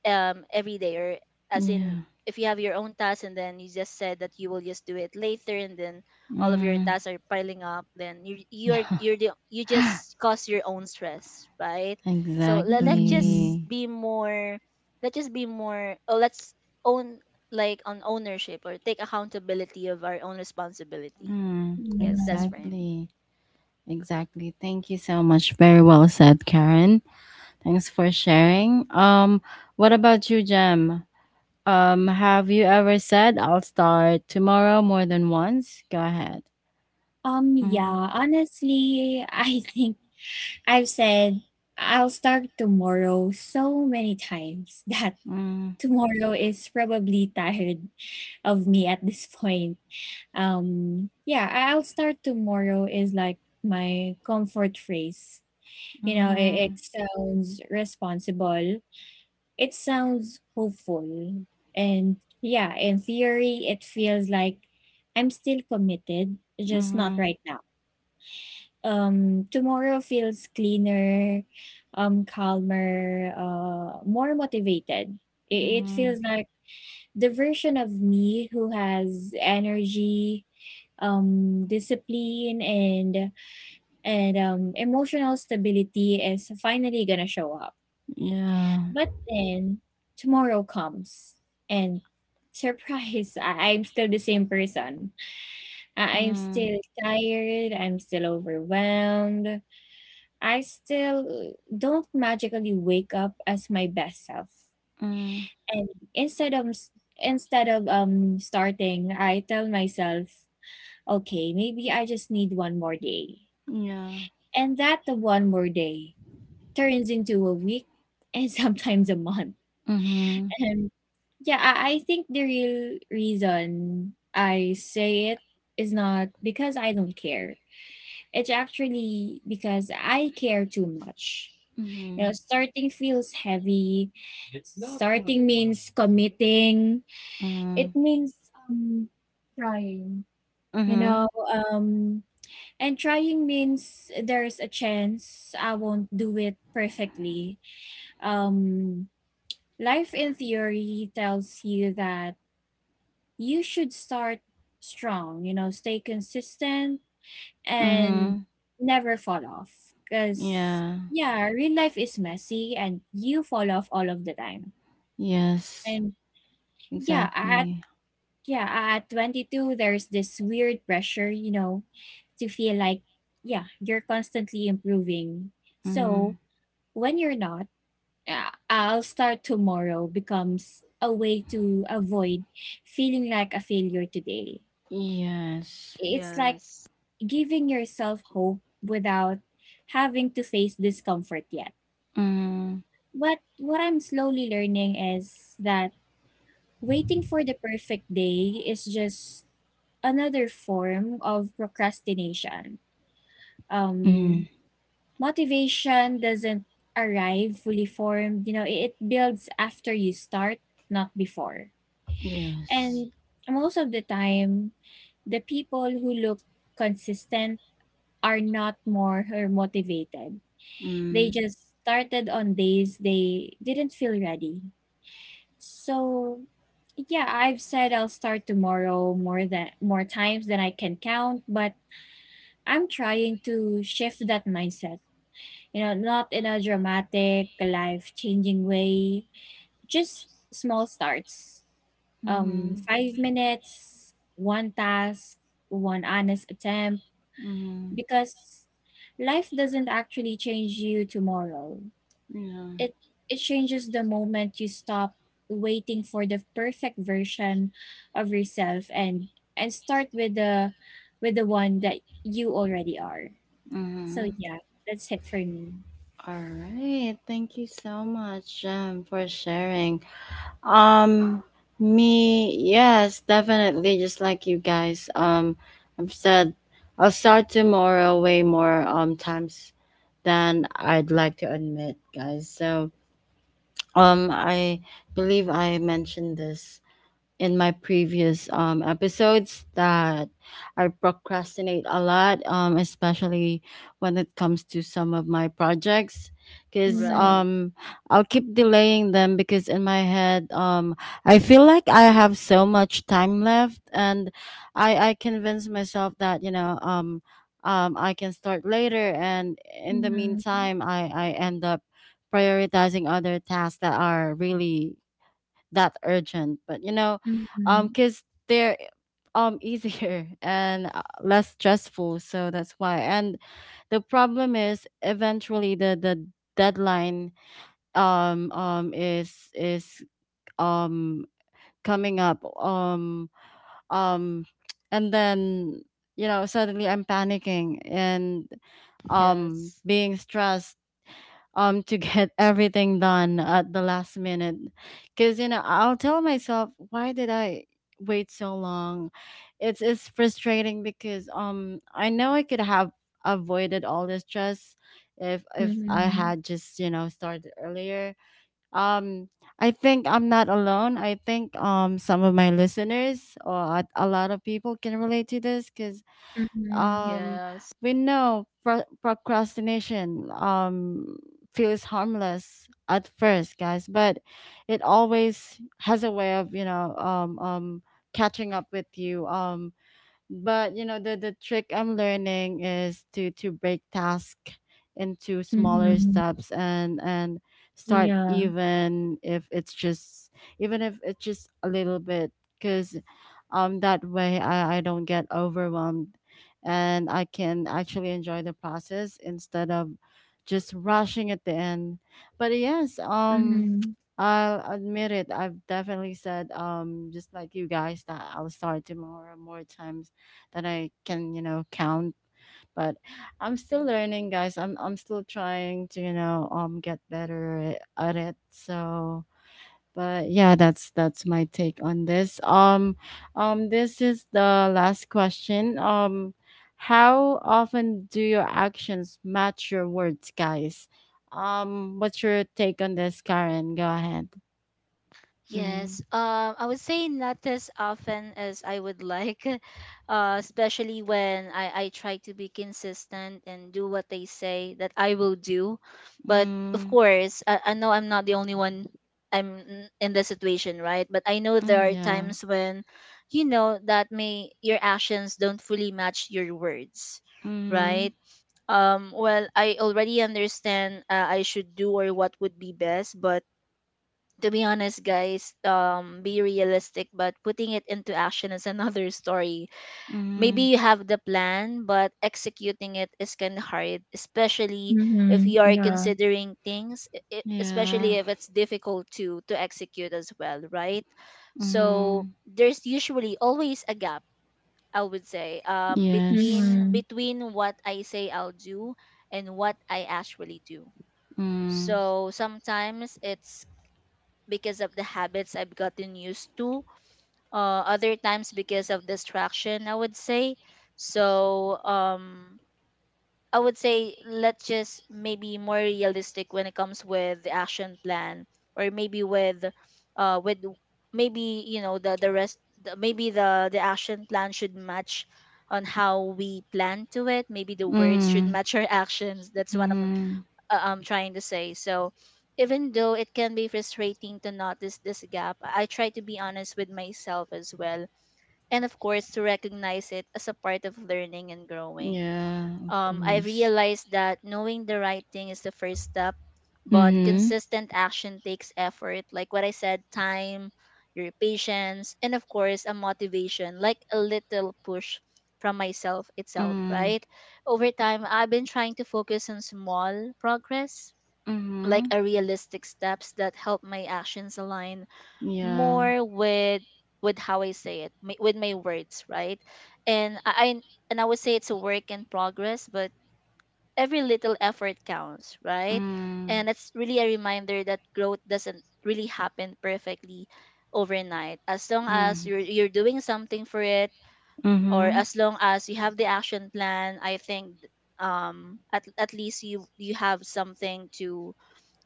every day, or, as in, yeah. if you have your own tasks and then you just said that you will just do it later, and then all of your Mm, tasks are piling up, then you yeah. you're the, you just cause your own stress, right? So let's ừm, just Exactly. be more, let's own, like on ownership, or take accountability of our own responsibility. Mm, Yes, that's for yeah. me. exactly. Exactly. Thank you so much. Very well said, Karen. Thanks for sharing. What about you, Jem? Have you ever said I'll start tomorrow more than once? Go ahead. Mm, Yeah, honestly, I think I've said I'll start tomorrow so many times that mm, tomorrow is probably tired of me at this point. Yeah, I'll start tomorrow is like my comfort phrase. You know, it mm-hmm, sounds responsible, it sounds hopeful. And yeah, in theory, it feels like I'm still committed, just not mm-hmm, right now. Tomorrow feels cleaner, calmer, more motivated. It mm-hmm. feels like the version of me who has energy, discipline, and emotional stability is finally gonna show up Yeah. but then tomorrow comes and surprise I'm still the same person. I'm Mm, still tired, I'm still overwhelmed, I still don't magically wake up as my best self. mm, And instead of s- instead of starting, I tell myself, okay, maybe I just need one more day. yeah. And that the one more day turns into a week and sometimes a month. Mm-hmm. And yeah, I think the real reason I say it is not because I don't care. It's actually because I care too much. You know, Mhm. starting feels heavy. It's not starting gonna- means committing. It Mhm. means um trying. You Mhm. know, um And trying means there's a chance I won't do it perfectly. Um, life in theory tells you that you should start strong, you know, stay consistent and Mhm. never fall off. Because, Yeah. yeah, real life is messy and you fall off all of the time. Yes. And yeah, at Exactly. yeah, at 22, there's this weird pressure, you know, to feel like, yeah, you're constantly improving. So, Mm. when you're not, I'll start tomorrow becomes a way to avoid feeling like a failure today. Yes. It's like Yes. giving yourself hope without having to face discomfort yet. Mm. But what I'm slowly learning is that waiting for the perfect day is just another form of procrastination. Um, Mm. motivation doesn't arrive fully formed. You know, it builds after you start, not before. Yes. And most of the time, the people who look consistent are not more or motivated. They Mm. just started on days they didn't feel ready. So yeah, I've said I'll start tomorrow more times than I can count, but I'm trying to shift that mindset, you know, not in a dramatic, life changing way. Just small starts. Mhm. 5 minutes, one task, one honest attempt. Mhm. Because life doesn't actually change you tomorrow. Yeah. It it changes the moment you stop waiting for the perfect version of yourself and start with the one that you already are. So Mhm. yeah, that's it for me. All right. Thank you so much for sharing. Um, me, yes, definitely. Just like you guys, I've said I'll start tomorrow way more times than I'd like to admit, guys. So, I believe I mentioned this in my previous episodes that I procrastinate a lot, especially when it comes to some of my projects. Because Right. I'll keep delaying them because in my head, I feel like I have so much time left, and I convince myself that, you know, I can start later. And in the Mm-hmm. meantime, I end up prioritizing other tasks that are really that urgent, but you know, Mhm. because they're easier and less stressful, so that's why. And the problem is eventually the deadline is um coming up, um and then you know suddenly I'm panicking and Yes. being stressed to get everything done at the last minute because you know I'll tell myself why did I wait so long. It's frustrating because I know I could have avoided all the stress if I Mhm. had just you know started earlier. um I think I'm not alone. I think some of my listeners or a lot of people can relate to this because Mhm. um Yes. we know procrastination feels harmless at first, guys, but it always has a way of you know catching up with you. But you know, the trick I'm learning is to break task into smaller Mhm. steps and start Yeah. even if it's just even if it's just a little bit because that way I don't get overwhelmed and I can actually enjoy the process instead of just rushing at the end. But yes, Mhm. I'll admit it. I've definitely said, just like you guys, that I'll start tomorrow more times that I can, you know, count. But I'm still learning, guys. I'm still trying to, you know, get better at it. So but yeah, that's my take on this. This is the last question. How often do your actions match your words, guys? What's your take on this, Karen? Go ahead. Mm. Yes, I would say not as often as I would like, especially when I try to be consistent and do what they say that I will do. But of Mm. course, I know I'm not the only one, in the situation, right? But I know Mm, there are yeah. times when, that may your actions don't fully match your words, Mm. right? Well, I already understand, I should do or what would be best, but to be honest, guys, be realistic, but putting it into action is another story. Mm. Maybe you have the plan, but executing it is kind of hard, especially if Mhm. you are Yeah. considering things, especially Yeah. if it's difficult to execute as well, right? So Mm. there's usually always a gap, I would say, Yes. between Mhm. between what I say I'll do, and what I actually do. Mm. So sometimes it's because of the habits I've gotten used to, other times because of distraction, I would say. So, I would say let's just maybe more realistic when it comes with the action plan, or maybe with, uh, with maybe the rest, maybe the action plan should match on how we plan to it. Maybe the words should Mm. match our actions. That's what I'm Mhm. uh, I'm trying to say. So even though it can be frustrating to notice this gap, I try to be honest with myself as well. And of course, to recognize it as a part of learning and growing. Yeah, of I course. realized that knowing the right thing is the first step, but Mhm. consistent action takes effort. Like what I said, time, your patience, and of course, a motivation, like a little push from myself itself, Mm. right? Over time, I've been trying to focus on small progress, like Mhm. a realistic steps that help my actions align Yeah. more with how I say it, with my words, right? And I would say it's a work in progress, but every little effort counts, right? Mm. And it's really a reminder that growth doesn't really happen perfectly overnight. As long as Mm. you're doing something for it, or Mhm. as long as you have the action plan, I think, at least you have something to,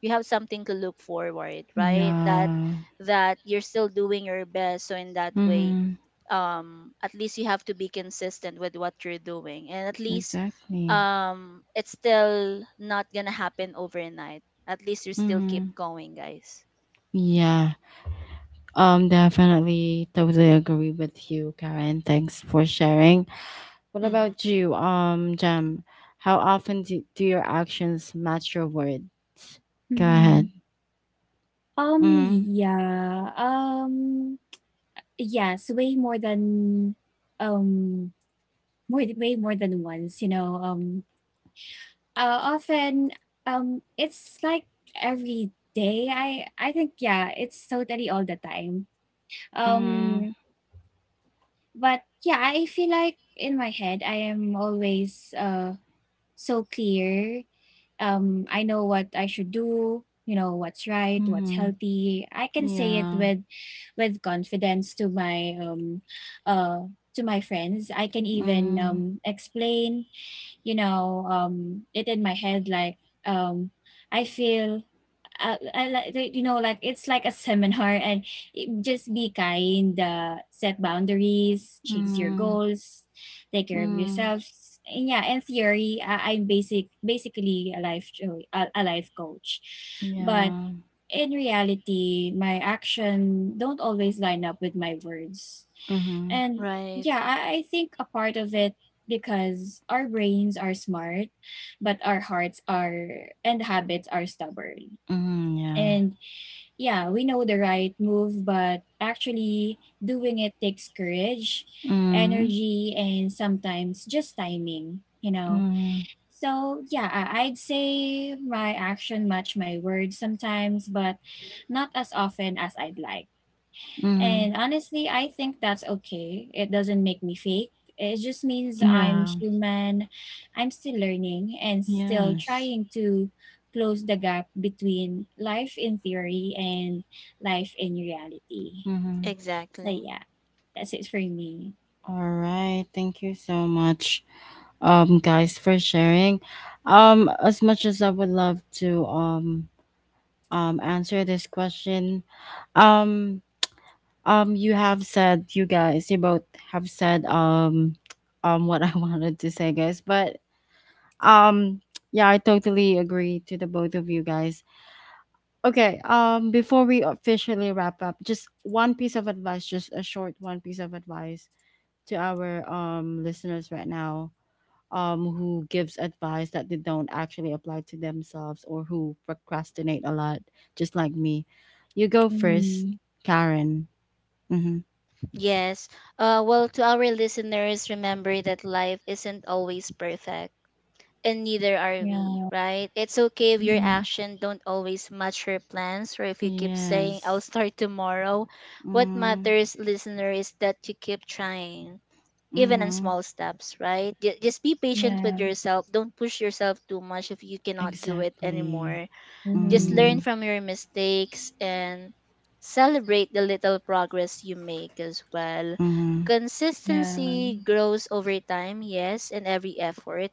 look forward, right? That Yeah. that you're still doing your best, so in that way Mhm. At least you have to be consistent with what you're doing. And at least, Exactly. It's still not gonna happen overnight, at least you still keep Mhm. going, guys. Yeah. Definitely totally agree with you, Karen. Thanks for sharing. What Mm-hmm. about you, Jam? How often do, do your actions match your words? Go ahead. Mhm. Mhm. Yeah. Yes, way more than um more way more than once, you know. Often it's like every day. I think yeah, it's totally all the time. Mhm. Um, but yeah, I feel like in my head I am always so clear. I know what I should do. You know what's right, what's Mhm. healthy. I can say it Yeah. With confidence to my friends. I can even Mm. Explain. It in my head like um I feel I like you know, like it's like a seminar and just be kind, set boundaries, chase your Mm. goals, take care of Mm. yourselves. And yeah, in theory, I'm basically a life coach, but Yeah. in reality my action don't always line up with my words. Mhm. And Right. yeah, I think a part of it because our brains are smart but our hearts are and habits are stubborn. Mhm. Yeah. And yeah, we know the right move, but actually doing it takes courage, Mm. energy, and sometimes just timing, you know. Mm. So yeah, I'd say my action match my words sometimes, but not as often as I'd like. Mm. And honestly, I think that's okay. It doesn't make me fake. It just means I'm Yeah. human. I'm still learning and still Yes. trying to close the gap between life in theory and life in reality. Mhm. So Exactly. yeah, that's it for me. All right. Thank you so much, guys, for sharing. As much as I would love to answer this question, um you have said you guys you both have said what I wanted to say, guys, but Um, yeah, I totally agree to the both of you guys. Okay, before we officially wrap up, just one piece of advice, just a short one piece of advice to our listeners right now, who gives advice that they don't actually apply to themselves or who procrastinate a lot, just like me. You go first, Mm, Karen. Mm-hmm. Yes. Well, to our listeners, remember that life isn't always perfect, and neither are we, yeah. right? It's okay if your Mm, action don't always match your plans, or if you keep saying I'll Yes. start tomorrow. What Mm, matters, listener, is that you keep trying, even in mm-hmm. small steps, right? Just be patient with yeah. yourself. Don't push yourself too much if you cannot do it Exactly. anymore. Just learn Mm, Mm, from your mistakes, and celebrate the little progress you make as well. mm-hmm. yeah. Consistency grows over time, yes, and every effort,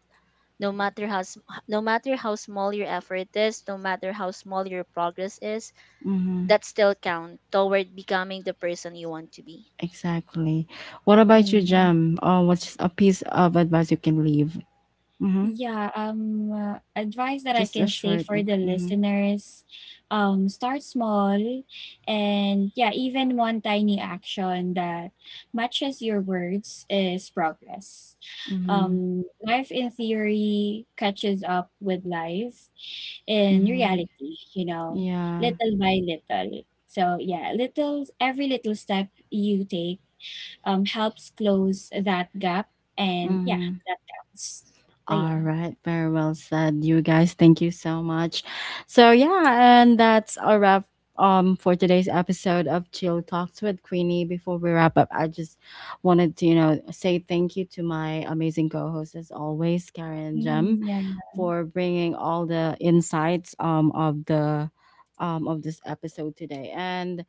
no matter how small your effort is, no matter how small your progress is, Mm-hmm. that still count toward becoming the person you want to be. Exactly. What about you, Yeah. Jam? Oh, what's a piece of advice you can leave? Mm-hmm. Yeah, advice that I Just a can say short. for the Mm-hmm. listeners, start small. And yeah, even one tiny action that matches your words is progress. Mm-hmm. Life in theory catches up with life in Mm-hmm. reality, you know, Yeah. little by little. So yeah, little every little step you take helps close that gap. And yeah, Mm-hmm. that counts. So All yeah. right. Very well said, you guys. Thank you so much. So yeah, and that's a wrap for today's episode of Chill Talks with Queenie. Before we wrap up, I just wanted to you know say thank you to my amazing co-hosts as always, Karen and Iya Jem, iya, for bringing all the insights of the of this episode today. And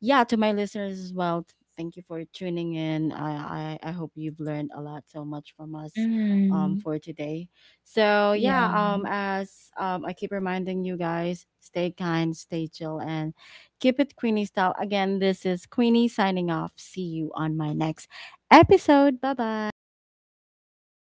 yeah, to my listeners as well, thank you for tuning in. I hope you've learned a lot so much from us mmm, for today. So yeah, iya, as I keep reminding you guys, stay kind, stay chill, and keep it Queenie style. Again, this is Queenie signing off. See you on my next episode. Bye k bye. b y e kay